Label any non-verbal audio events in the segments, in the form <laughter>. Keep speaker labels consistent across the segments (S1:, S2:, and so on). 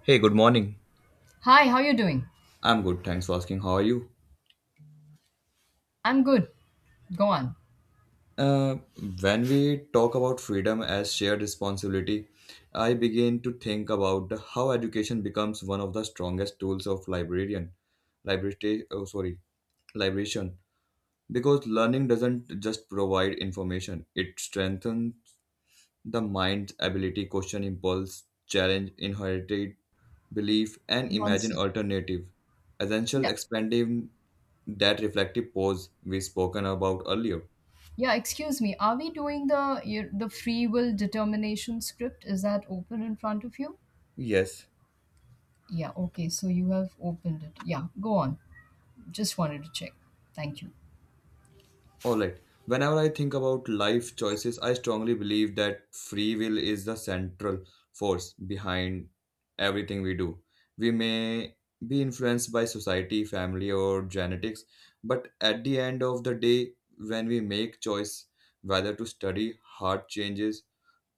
S1: Hey, good morning.
S2: Hi, how you doing?
S1: I'm good, thanks for asking. How are you?
S2: I'm good. Go on.
S1: Uh, when we talk about freedom as shared responsibility, I begin to think about how education becomes one of the strongest tools of librarian, library, oh, sorry, liberation. Because learning doesn't just provide information; it strengthens the mind's ability question impulse, challenge inherited belief, and
S2: One
S1: imagine
S2: sec.
S1: alternative. Essential
S2: Yeah.
S1: expansive that reflective pause we spoken about earlier.
S2: Yeah, excuse me. Are we doing the free will determination script? Is that open in front of you?
S1: Yes,
S2: Yeah, okay. So you have opened it. Yeah, go on. Just wanted to check. Thank you.
S1: all right. Whenever I think about life choices, I strongly believe that free will is the central force behind everything we do. We may be influenced by society, family, or genetics, but at the end of the day, when we make choice whether to study, hard changes,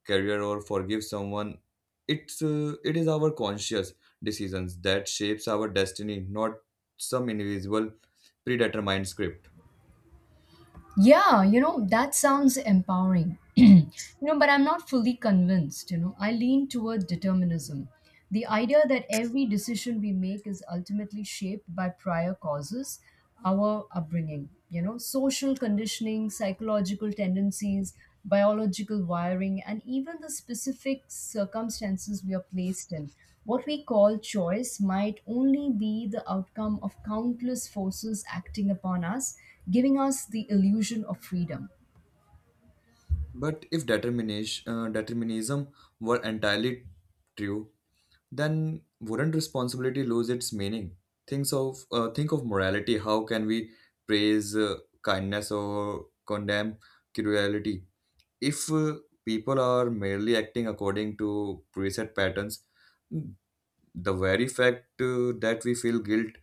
S1: career, or forgive someone, it is our conscious decisions that shapes our destiny, not some invisible predetermined script.
S2: Yeah, that sounds empowering. <clears throat> But I'm not fully convinced. I lean toward determinism. The idea that every decision we make is ultimately shaped by prior causes, our upbringing, social conditioning, psychological tendencies, biological wiring, and even the specific circumstances we are placed in. What we call choice might only be the outcome of countless forces acting upon us giving us the illusion of freedom.
S1: But if determinism were entirely true, then wouldn't responsibility lose its meaning? Think of morality. How can we praise kindness or condemn cruelty if people are merely acting according to preset patterns? The very fact that we feel guilt,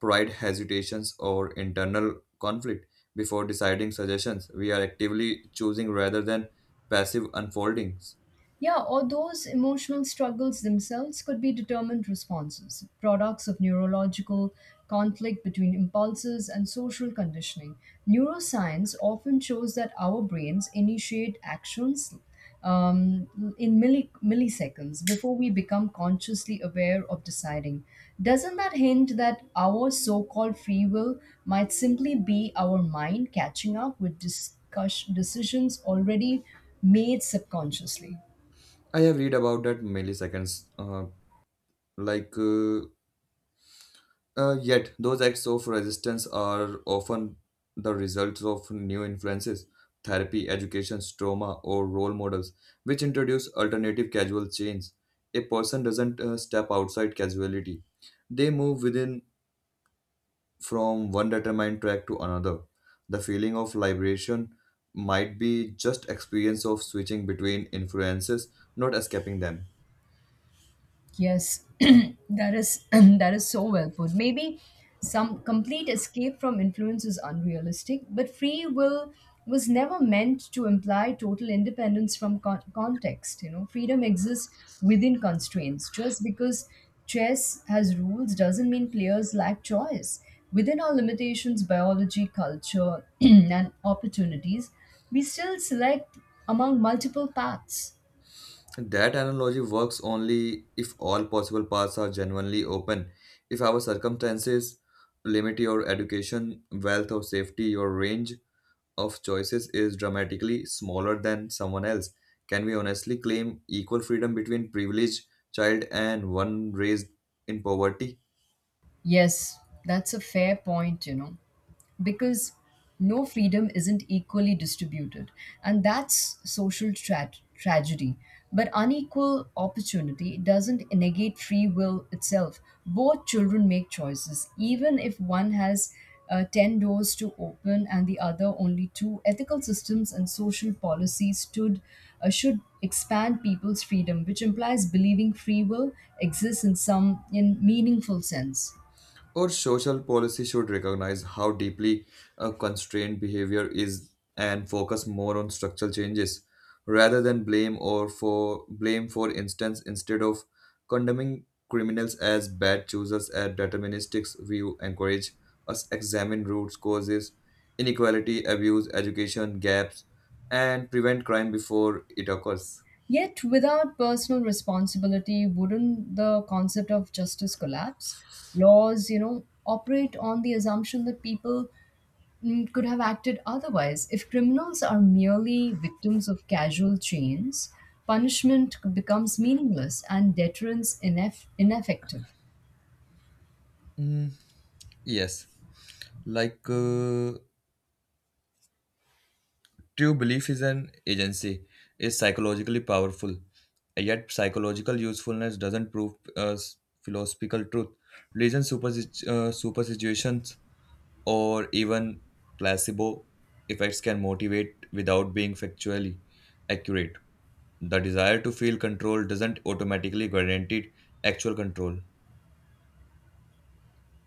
S1: pride, hesitations, or internal conflict before deciding suggestions, we are actively choosing rather than passive unfoldings.
S2: Yeah, or those emotional struggles themselves could be determined responses, products of neurological conflict between impulses and social conditioning. Neuroscience often shows that our brains initiate actions um, in milliseconds before we become consciously aware of deciding. Doesn't that hint that our so called free will might simply be our mind catching up with decisions already made subconsciously?
S1: I have read about that milliseconds, like yet, those acts of resistance are often the results of new influences, therapy, education, trauma, or role models, which introduce alternative causal chains. A person doesn't step outside causality; they move within from one determined track to another. The feeling of liberation might be just experience of switching between influences, not escaping them.
S2: Yes, <clears throat> that is <clears throat> that is so well put. Maybe some complete escape from influence is unrealistic, but free will was never meant to imply total independence from context. Freedom exists within constraints. Just because chess has rules doesn't mean players lack choice. Within our limitations, biology, culture, <clears throat> and opportunities, we still select among multiple paths.
S1: That analogy works only if all possible paths are genuinely open. If our circumstances limit your education, wealth, or safety, your range of choices is dramatically smaller than someone else. Can we honestly claim equal freedom between privileged child and one raised in poverty?
S2: Yes, that's a fair point. Because no, freedom isn't equally distributed. And that's social tragedy. But unequal opportunity doesn't negate free will itself. Both children make choices, even if one has 10 doors to open and the other only two. Ethical systems and social policies stood, should expand people's freedom, which implies believing free will exists in some in meaningful sense.
S1: Or social policy should recognize how deeply a constrained behavior is and focus more on structural changes rather than blame for instance, instead of condemning criminals as bad choosers, and deterministic view encourage us examine roots causes, inequality, abuse, education gaps, and prevent crime before it occurs.
S2: Yet, without personal responsibility, wouldn't the concept of justice collapse? Laws, operate on the assumption that people could have acted otherwise. If criminals are merely victims of casual chains, punishment becomes meaningless and deterrence ineffective.
S1: Mm, yes. Like uh, True belief is an agency, is psychologically powerful, yet psychological usefulness doesn't prove philosophical truth. Religion superstitions or even placebo effects can motivate without being factually accurate. The desire to feel control doesn't automatically guarantee actual control.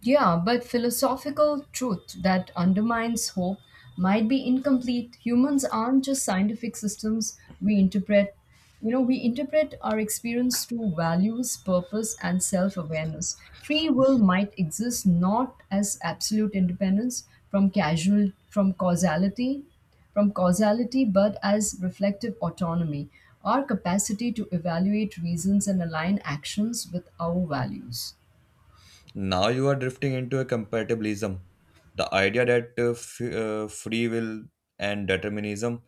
S2: Yeah, but philosophical truth that undermines hope might be incomplete. Humans aren't just scientific systems we interpret. We interpret our experience through values, purpose, and self awareness. Free will might exist not as absolute independence from casual, from causality, from causality, but as reflective autonomy, our capacity to evaluate reasons and align actions with our values.
S1: Now you are drifting into a compatibilism. The idea that free will and determinism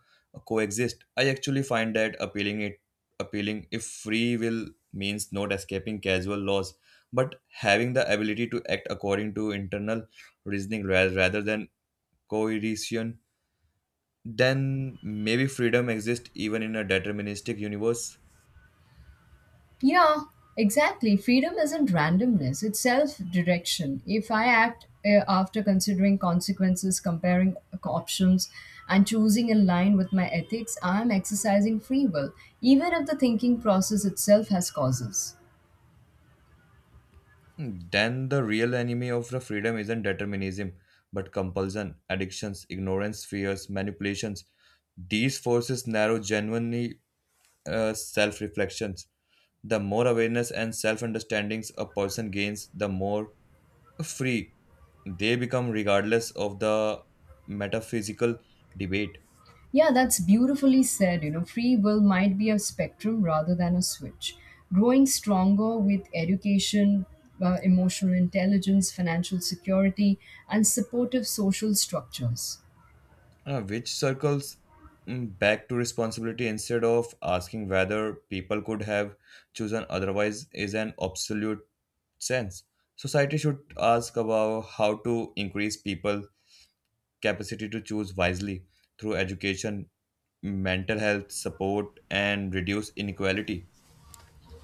S1: coexist. I actually find that appealing if free will means not escaping casual laws but having the ability to act according to internal reasoning rather than coercion, then maybe freedom exists even in a deterministic universe.
S2: Yeah, exactly. Freedom isn't randomness, it's self direction. If I act after considering consequences, comparing options, and choosing in line with my ethics, I am exercising free will, even if the thinking process itself has causes.
S1: Then the real enemy of the freedom isn't determinism, but compulsion, addictions, ignorance, fears, manipulations. These forces narrow genuinely self reflections. The more awareness and self understandings a person gains, the more free they become, regardless of the metaphysical debate.
S2: Yeah, that's beautifully said. Free will might be a spectrum rather than a switch. Growing stronger with education, emotional intelligence, financial security, and supportive social structures.
S1: Which circles back to responsibility, instead of asking whether people could have chosen otherwise is an absolute sense. Society should ask about how to increase people's capacity to choose wisely through education, mental health support, and reduce inequality.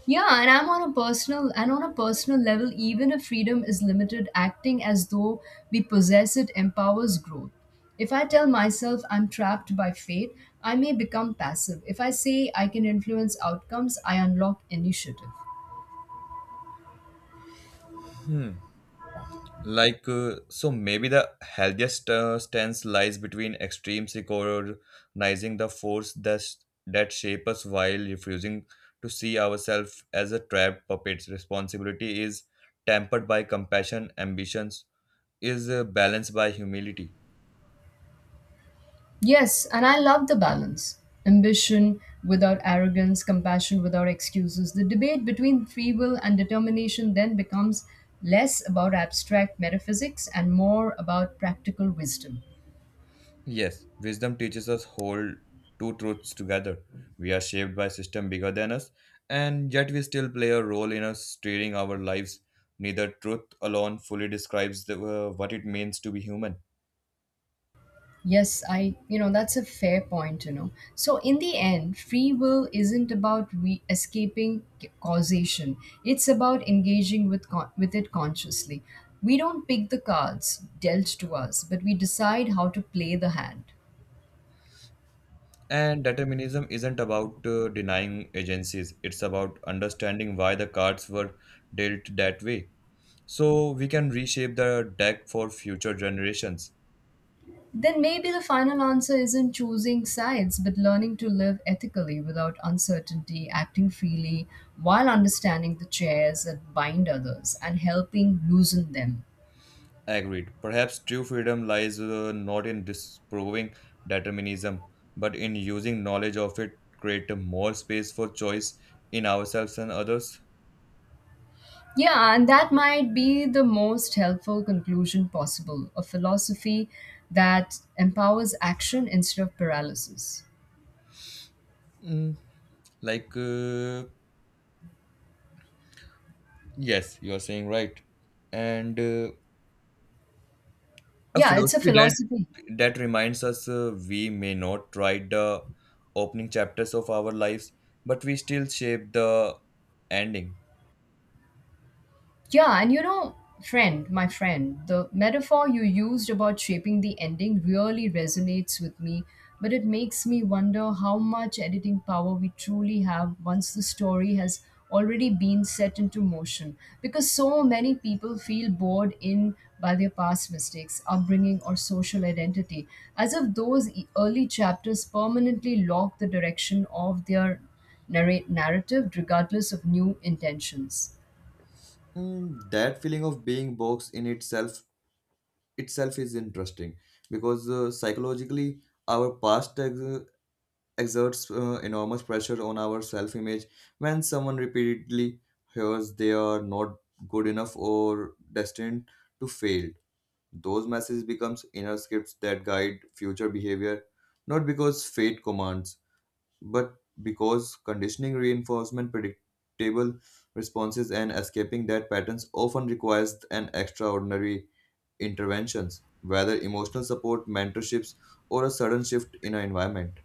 S2: Yeah, and I'm on a personal level, even if freedom is limited, acting as though we possess it empowers growth. If I tell myself I'm trapped by fate, I may become passive. If I say I can influence outcomes, I unlock initiative.
S1: So maybe the healthiest stance lies between extremes, recognizing the force that shape us while refusing to see ourselves as a trapped puppets, responsibility is tempered by compassion, ambitions is balanced by humility.
S2: Yes, and I love the balance. Ambition without arrogance, compassion without excuses. The debate between free will and determination then becomes less about abstract metaphysics and more about practical wisdom.
S1: Yes, wisdom teaches us hold two truths together. We are shaped by system bigger than us, and yet we still play a role in us steering our lives. Neither truth alone fully describes what it means to be human.
S2: Yes, that's a fair point. So, in the end, free will isn't about escaping causation. It's about engaging with with it consciously. We don't pick the cards dealt to us, but we decide how to play the hand.
S1: And determinism isn't about denying agencies, it's about understanding why the cards were dealt that way. So we can reshape the deck for future generations.
S2: Then maybe the final answer isn't choosing sides, but learning to live ethically without uncertainty, acting freely while understanding the chairs that bind others and helping loosen them.
S1: Agreed. Perhaps true freedom lies not in disproving determinism, but in using knowledge of it create a more space for choice in ourselves and others.
S2: Yeah, and that might be the most helpful conclusion possible a philosophy that empowers action instead of paralysis.
S1: Mm, like, uh, yes, you're saying right. And a
S2: Yeah, it's a
S1: philosophy that
S2: philosophy.
S1: that reminds us we may not write the opening chapters of our lives, but we still shape the ending.
S2: Yeah, and my friend, the metaphor you used about shaping the ending really resonates with me, but it makes me wonder how much editing power we truly have once the story has already been set into motion. Because so many people feel bored in by their past mistakes, upbringing, or social identity, as if those early chapters permanently lock the direction of their narrate narrative, regardless of new intentions.
S1: That feeling of being boxed in itself is interesting because psychologically our past exerts enormous pressure on our self image, when someone repeatedly hears they are not good enough or destined to fail, those messages becomes inner scripts that guide future behavior not because fate commands but because conditioning reinforcement predictable responses, and escaping that patterns often requires an extraordinary interventions, whether emotional support, mentorships, or a sudden shift in an environment.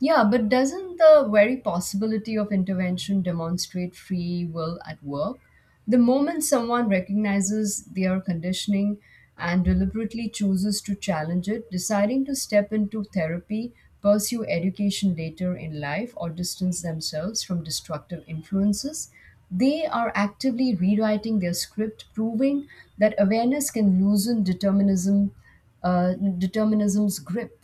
S2: Yeah, but doesn't the very possibility of intervention demonstrate free will at work? The moment someone recognizes their conditioning and deliberately chooses to challenge it, deciding to step into therapy, pursue education later in life, or distance themselves from destructive influences, they are actively rewriting their script, proving that awareness can loosen determinism's grip.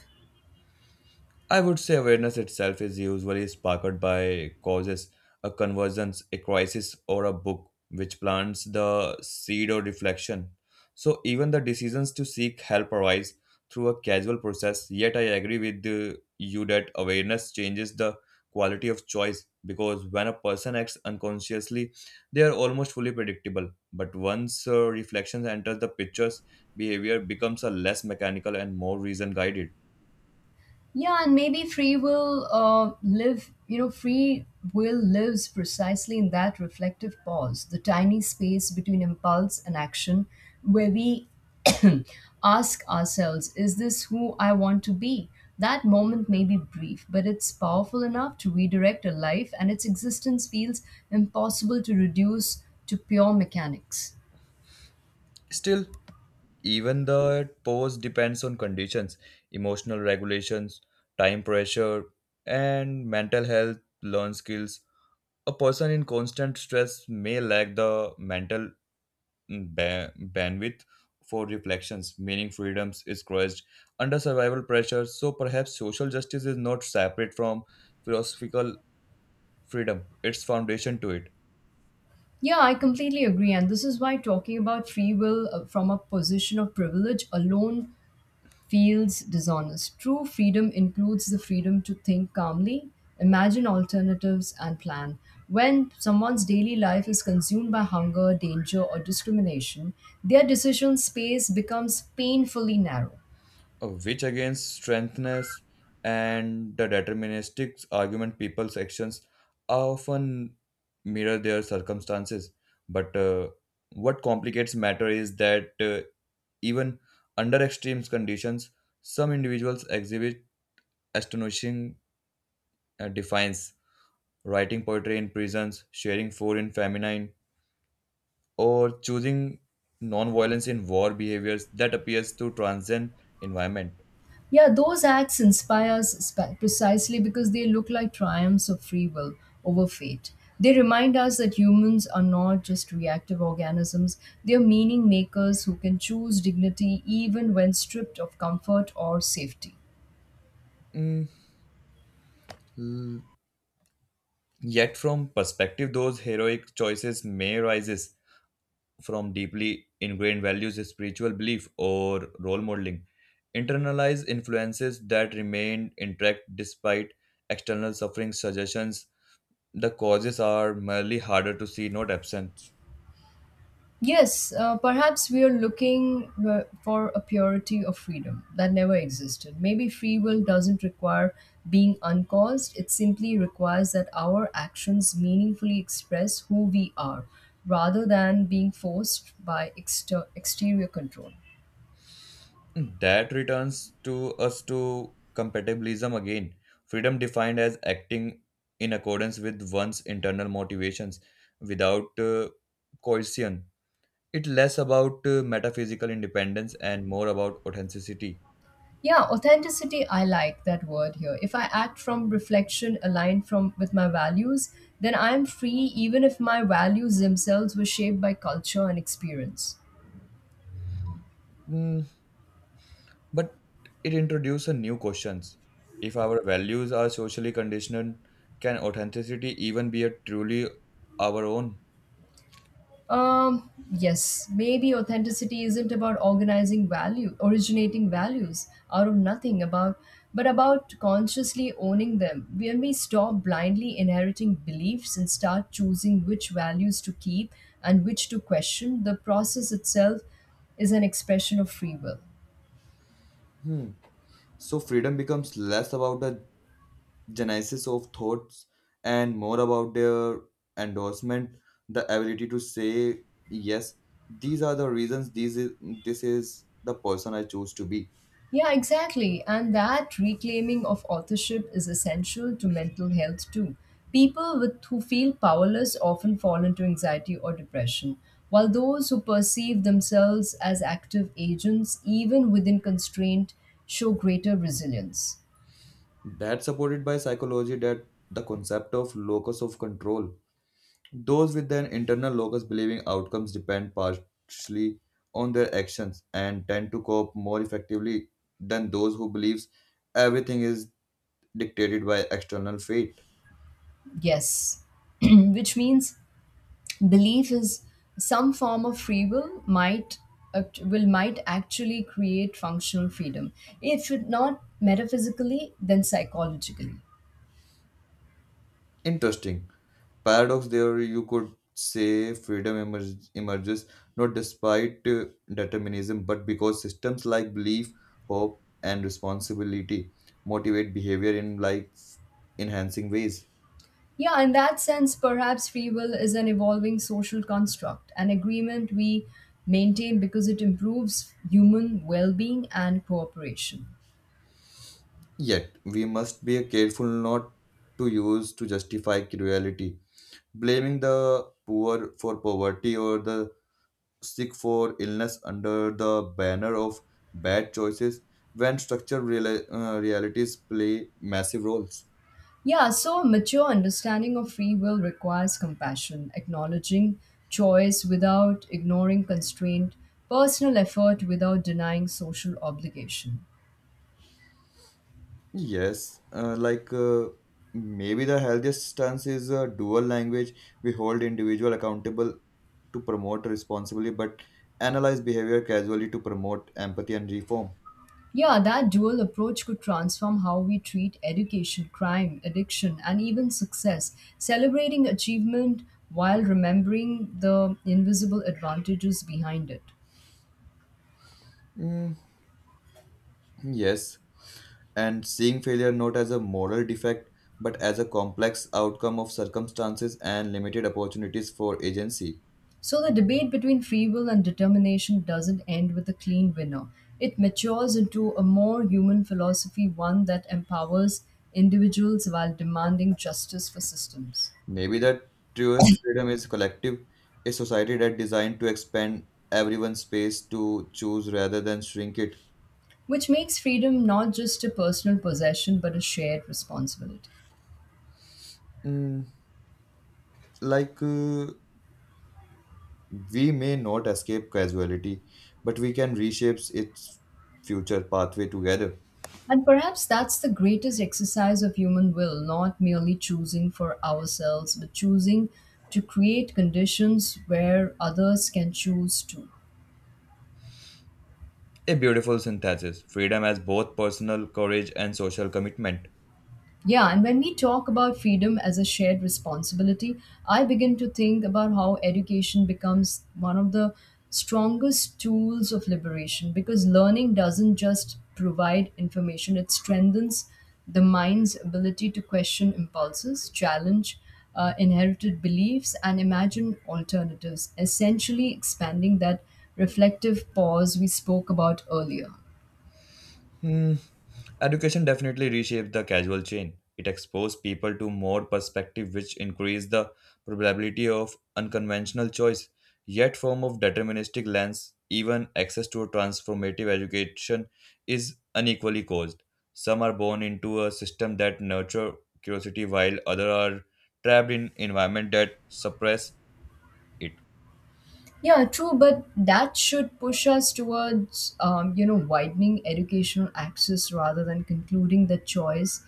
S1: I would say awareness itself is usually sparked by causes, a convergence, a crisis, or a book which plants the seed or reflection. So even the decisions to seek help arise through a casual process. Yet I agree with you that awareness changes the quality of choice, because when a person acts unconsciously, they are almost fully predictable. But once reflections enter the pictures, behavior becomes a less mechanical and more reason guided.
S2: Yeah, and maybe free will lives precisely in that reflective pause, the tiny space between impulse and action, where we <coughs> <clears throat> ask ourselves, is this who I want to be? That moment may be brief, but it's powerful enough to redirect a life, and its existence feels impossible to reduce to pure mechanics.
S1: Still, even the pose depends on conditions, emotional regulations, time pressure, and mental health, learn skills. A person in constant stress may lack the mental bandwidth for reflections, meaning freedoms is crushed under survival pressure. So perhaps social justice is not separate from philosophical freedom, its foundation to it.
S2: Yeah, I completely agree. And this is why talking about free will from a position of privilege alone feels dishonest. True freedom includes the freedom to think calmly, imagine alternatives, and plan. When someone's daily life is consumed by hunger, danger, or discrimination, their decision space becomes painfully narrow.
S1: Which against strengthness and the deterministic argument, people's actions often mirror their circumstances, but what complicates matter is that even under extreme conditions some individuals exhibit astonishing defiance, writing poetry in prisons, sharing food in famine, or choosing non-violence in war, behaviors that appears to transcend environment.
S2: Yeah, those acts inspire us precisely because they look like triumphs of free will over fate. They remind us that humans are not just reactive organisms, they are meaning makers who can choose dignity even when stripped of comfort or safety.
S1: Mm, Yet, from perspective, those heroic choices may arise from deeply ingrained values, spiritual belief, or role modeling, internalized influences that remain intact despite external suffering suggestions. The causes are merely harder to see, not absent.
S2: Yes, perhaps we are looking for a purity of freedom that never existed. Maybe free will doesn't require being uncaused, it simply requires that our actions meaningfully express who we are rather than being forced by exterior control.
S1: That returns to us to compatibilism again. Freedom defined as acting in accordance with one's internal motivations without coercion. It's less about metaphysical independence and more about authenticity.
S2: Yeah, authenticity, I like that word here. If I act from reflection aligned from with my values, then I'm free even if my values themselves were shaped by culture and experience.
S1: Mm, but it introduces new questions. If our values are socially conditioned, can authenticity even be a truly our own?
S2: Yes, maybe authenticity isn't about originating values out of nothing about, but about consciously owning them. When we stop blindly inheriting beliefs and start choosing which values to keep and which to question, the process itself is an expression of free will.
S1: Hmm. So freedom becomes less about the genesis of thoughts and more about their endorsement, the ability to say yes. These are the reasons. This is the person I choose to be.
S2: Yeah, exactly. And that reclaiming of authorship is essential to mental health too. People who feel powerless often fall into anxiety or depression, while those who perceive themselves as active agents, even within constraint, show greater resilience.
S1: That's supported by psychology that the concept of locus of control. Those with an internal locus believing outcomes depend partially on their actions and tend to cope more effectively than those who believes everything is dictated by external fate.
S2: Yes, <clears throat> which means belief is some form of free will might actually create functional freedom if it not metaphysically then psychologically.
S1: Interesting. Paradox there, you could say freedom emerges not despite determinism, but because systems like belief, hope, and responsibility motivate behavior in life enhancing ways.
S2: Yeah, in that sense, perhaps free will is an evolving social construct, an agreement we maintain because it improves human well being and cooperation.
S1: Yet, we must be careful not to use to justify cruelty. Blaming the poor for poverty or the sick for illness under the banner of bad choices, when structural realities play massive roles.
S2: Yeah, so a mature understanding of free will requires compassion, acknowledging choice without ignoring constraint, personal effort without denying social obligation.
S1: Yes, maybe the healthiest stance is a dual language. We hold individual accountable to promote responsibly, but analyze behavior casually to promote empathy and reform.
S2: Yeah, that dual approach could transform how we treat education, crime, addiction, and even success, celebrating achievement while remembering the invisible advantages behind it.
S1: Mm, yes, and seeing failure not as a moral defect but as a complex outcome of circumstances and limited opportunities for agency.
S2: So, the debate between free will and determination doesn't end with a clean winner. It matures into a more human philosophy, one that empowers individuals while demanding justice for systems,
S1: Maybe the truest freedom is collective, a society that designed to expand everyone's space to choose rather than shrink it.
S2: which makes freedom not just a personal possession but a shared responsibility.
S1: Mm, like uh, we may not escape casuality, but we can reshape its future pathway together.
S2: And perhaps that's the greatest exercise of human will, not merely choosing for ourselves, but choosing to create conditions where others can choose too.
S1: A beautiful synthesis, freedom as both personal courage and social commitment.
S2: Yeah, and when we talk about freedom as a shared responsibility, I begin to think about how education becomes one of the strongest tools of liberation because learning doesn't just provide information, it strengthens the mind's ability to question impulses, challenge inherited beliefs, and imagine alternatives, essentially expanding that reflective pause we spoke about earlier.
S1: Hmm. Education definitely reshaped the casual chain. It exposed people to more perspective which increased the probability of unconventional choice. Yet form of deterministic lens, even access to a transformative education is unequally caused. Some are born into a system that nurture curiosity while others are trapped in environment that suppress it.
S2: Yeah, true, but that should push us towards, widening educational access rather than concluding that choice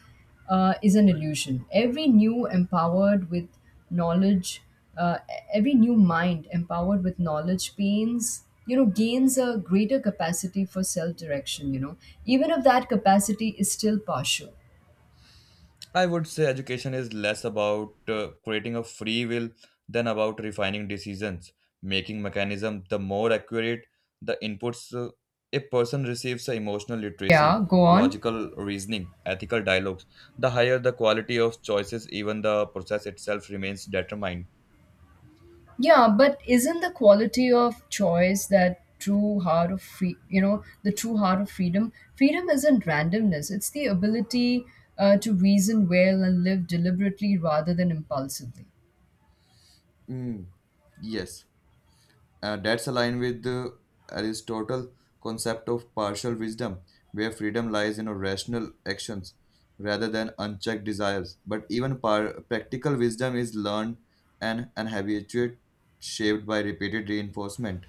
S2: is an illusion. Knowledge, uh, every new mind empowered with knowledge gains a greater capacity for self-direction. Even if that capacity is still partial.
S1: I would say education is less about creating a free will than about refining decisions, making mechanism the more accurate the inputs a person receives, the emotional literacy,
S2: Yeah, go on.
S1: logical reasoning, ethical dialogues, the higher the quality of choices, even the process itself remains determined.
S2: Yeah, but isn't the quality of choice that true heart of free, you know, the true heart of freedom? Freedom isn't randomness, it's the ability to reason well and live deliberately rather than impulsively,
S1: Mm, yes. That's aligned with the Aristotle concept of partial wisdom, where freedom lies in rational actions rather than unchecked desires. But even practical wisdom is learned and an habituate shaped by repeated reinforcement.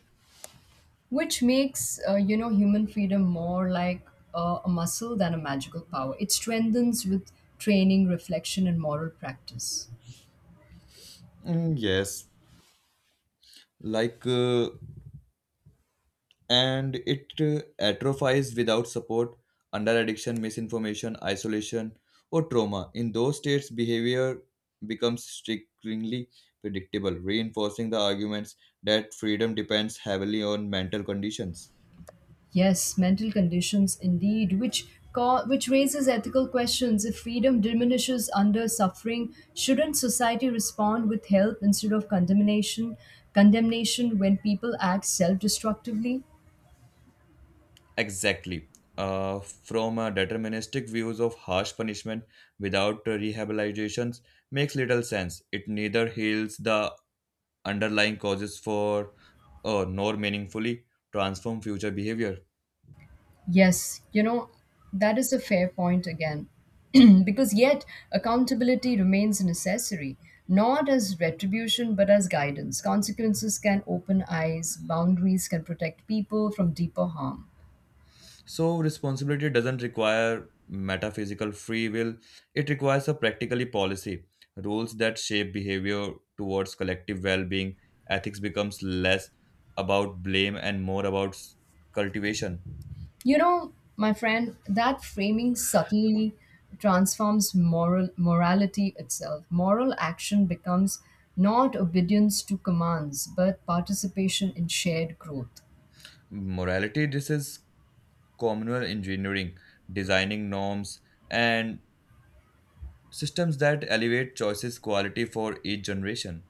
S2: which makes, human freedom more like a muscle than a magical power. It strengthens with training, reflection, and moral practice.
S1: Mm, yes. Like. Uh, and it atrophies without support under addiction, misinformation, isolation, or trauma. In those states, behavior becomes strikingly predictable, reinforcing the arguments that freedom depends heavily on mental conditions.
S2: Yes, mental conditions indeed, which raises ethical questions. If freedom diminishes under suffering, shouldn't society respond with help instead of condemnation? Condemnation when people act self-destructively.
S1: Exactly. From deterministic views of harsh punishment without rehabilitations makes little sense. It neither heals the underlying causes for nor meaningfully transform future behavior.
S2: Yes, you know that is a fair point again, <clears throat> because yet accountability remains necessary, not as retribution but as guidance. Consequences can open eyes, boundaries can protect people from deeper harm.
S1: So, responsibility doesn't require metaphysical free will, it requires a practically policy. Rules that shape behavior towards collective well being, ethics becomes less about blame and more about cultivation.
S2: You know, my friend, that framing subtly transforms morality itself. Moral action becomes not obedience to commands, but participation in shared growth.
S1: Morality, this is communal engineering, designing norms and systems that elevate choices quality for each generation.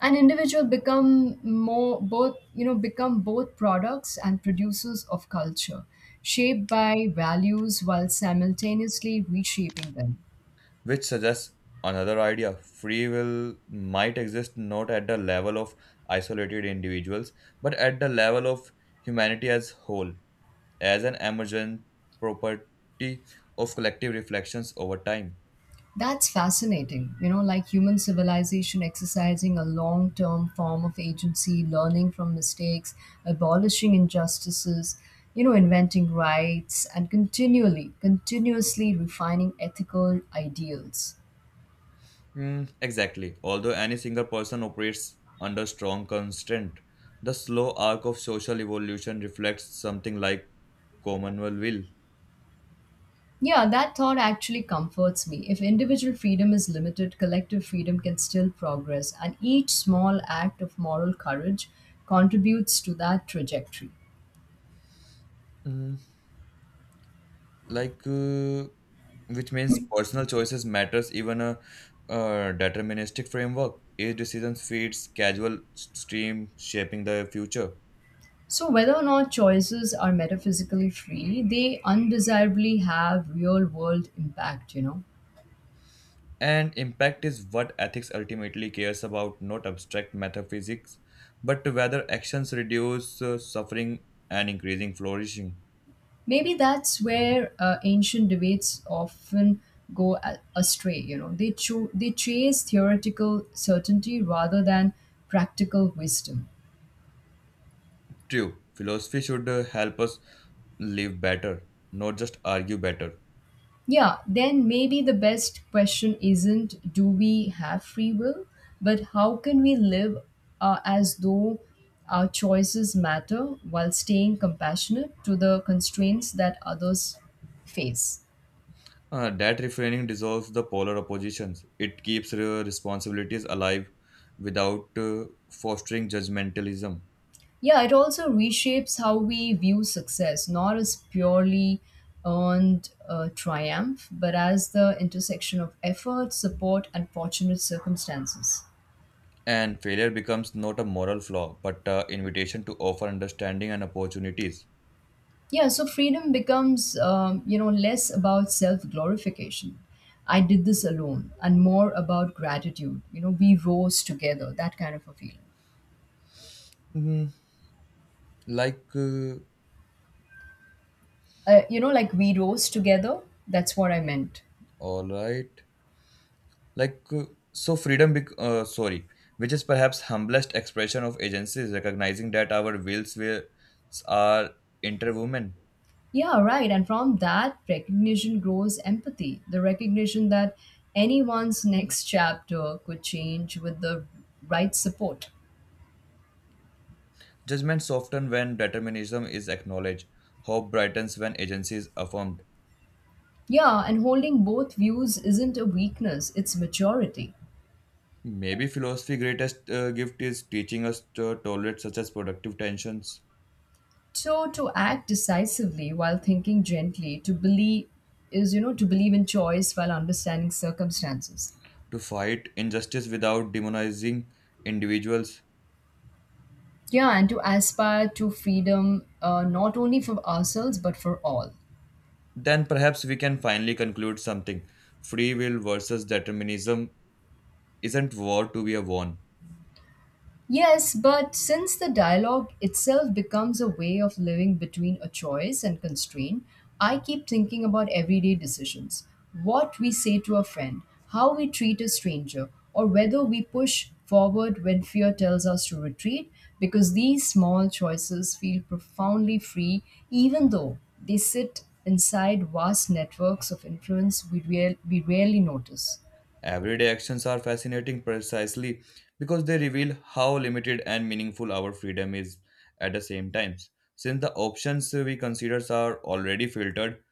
S2: An individual become more both, you know, become both products and producers of culture, shaped by values while simultaneously reshaping them.
S1: Which suggests another idea, free will might exist not at the level of isolated individuals but at the level of humanity as whole, as an emergent property of collective reflections over time.
S2: That's fascinating. Like human civilization exercising a long term form of agency, learning from mistakes, abolishing injustices, inventing rights, and continuously refining ethical ideals.
S1: Mm, exactly, although any single person operates under strong constraint, the slow arc of social evolution reflects something like communal will.
S2: Yeah, that thought actually comforts me. If individual freedom is limited, collective freedom can still progress, and each small act of moral courage contributes to that trajectory.
S1: Mm, like uh, which means personal choices matters even deterministic framework, each decision feeds casual stream shaping the future.
S2: So, whether or not choices are metaphysically free, they undesirably have real world impact.
S1: And impact is what ethics ultimately cares about, not abstract metaphysics, but whether actions reduce suffering and increasing flourishing.
S2: Maybe that's where ancient debates often go astray. They chase theoretical certainty rather than practical wisdom.
S1: True philosophy should help us live better, not just argue better.
S2: Yeah, then maybe the best question isn't do we have free will, but how can we live as though our choices matter while staying compassionate to the constraints that others face?
S1: That refraining dissolves the polar oppositions. It keeps responsibilities alive without fostering judgmentalism.
S2: Yeah, it also reshapes how we view success, not as purely earned triumph, but as the intersection of effort, support, and fortunate circumstances.
S1: And failure becomes not a moral flaw, but an invitation to offer understanding and opportunities.
S2: Yeah, so freedom becomes, less about self glorification. I did this alone, and more about gratitude. We rose together, that kind of a feeling.
S1: Hmm, like, uh,
S2: Like we rose together, that's what I meant.
S1: all right. Like, uh, so freedom, bec- uh, sorry, which is perhaps humblest expression of agency is recognizing that our wills are interwoven.
S2: Yeah, right. And from that recognition grows empathy, the recognition that anyone's next chapter could change with the right support.
S1: Judgment softens when determinism is acknowledged. Hope brightens when agency is affirmed.
S2: Yeah, and holding both views isn't a weakness, it's maturity.
S1: Maybe philosophy's greatest gift is teaching us to tolerate such as productive tensions,
S2: So to act decisively while thinking gently, to believe is you know to believe in choice while understanding circumstances.
S1: to fight injustice without demonizing individuals.
S2: Yeah, and to aspire to freedom not only for ourselves but for all.
S1: Then perhaps we can finally conclude something. Free will versus determinism isn't war to be won.
S2: Yes, but since the dialogue itself becomes a way of living between a choice and constraint, I keep thinking about everyday decisions what we say to a friend, how we treat a stranger, or whether we push forward when fear tells us to retreat, because these small choices feel profoundly free, even though they sit inside vast networks of influence we rarely notice.
S1: Everyday actions are fascinating precisely because they reveal how limited and meaningful our freedom is at the same time. Since the options we consider are already filtered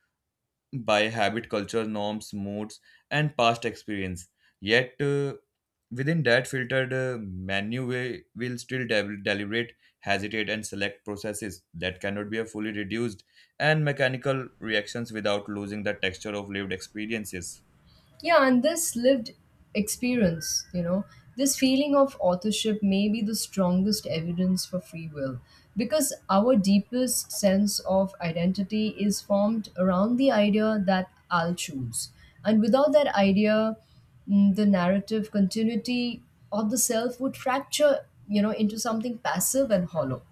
S1: by habit, culture, norms, moods, and past experience, yet within that filtered menu, we will still deliberate, hesitate, and select processes that cannot be fully reduced and mechanical reactions without losing the texture of lived experiences.
S2: Yeah, and this lived experience, this feeling of authorship may be the strongest evidence for free will because our deepest sense of identity is formed around the idea that I'll choose. And without that idea, the narrative continuity of the self would fracture, into something passive and hollow.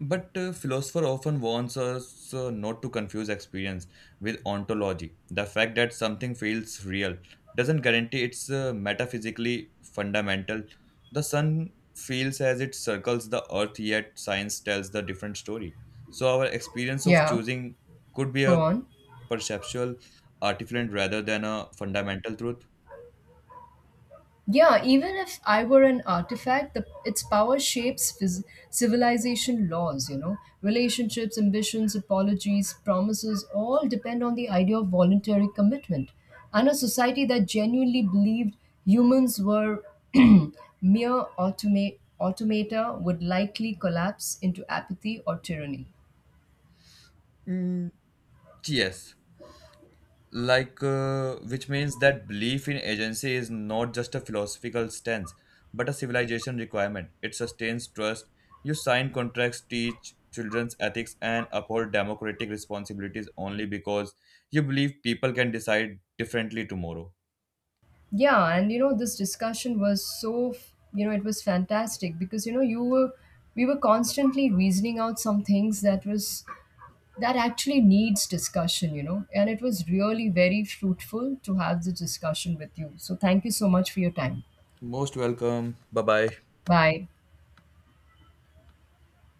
S1: But philosopher often warns us not to confuse experience with ontology. The fact that something feels real doesn't guarantee it's metaphysically fundamental. The sun feels as it circles the earth, yet science tells the different story. So our experience of
S2: Yeah,
S1: choosing could be
S2: go
S1: a
S2: on.
S1: perceptual artifact rather than a fundamental truth.
S2: Yeah, even if I were an artifact, its power shapes civilization laws. Relationships, ambitions, apologies, promises all depend on the idea of voluntary commitment. And a society that genuinely believed humans were <clears throat> mere automata would likely collapse into apathy or tyranny.
S1: Mm, yes. Which means that belief in agency is not just a philosophical stance but a civilization requirement, it sustains trust, you sign contracts, teach children's ethics, and uphold democratic responsibilities only because you believe people can decide differently tomorrow.
S2: Yeah, and this discussion was it was fantastic because, we were constantly reasoning out some things that actually needs discussion, and it was really very fruitful to have the discussion with you. So thank you so much for your time.
S1: Most welcome. Bye bye.
S2: Bye.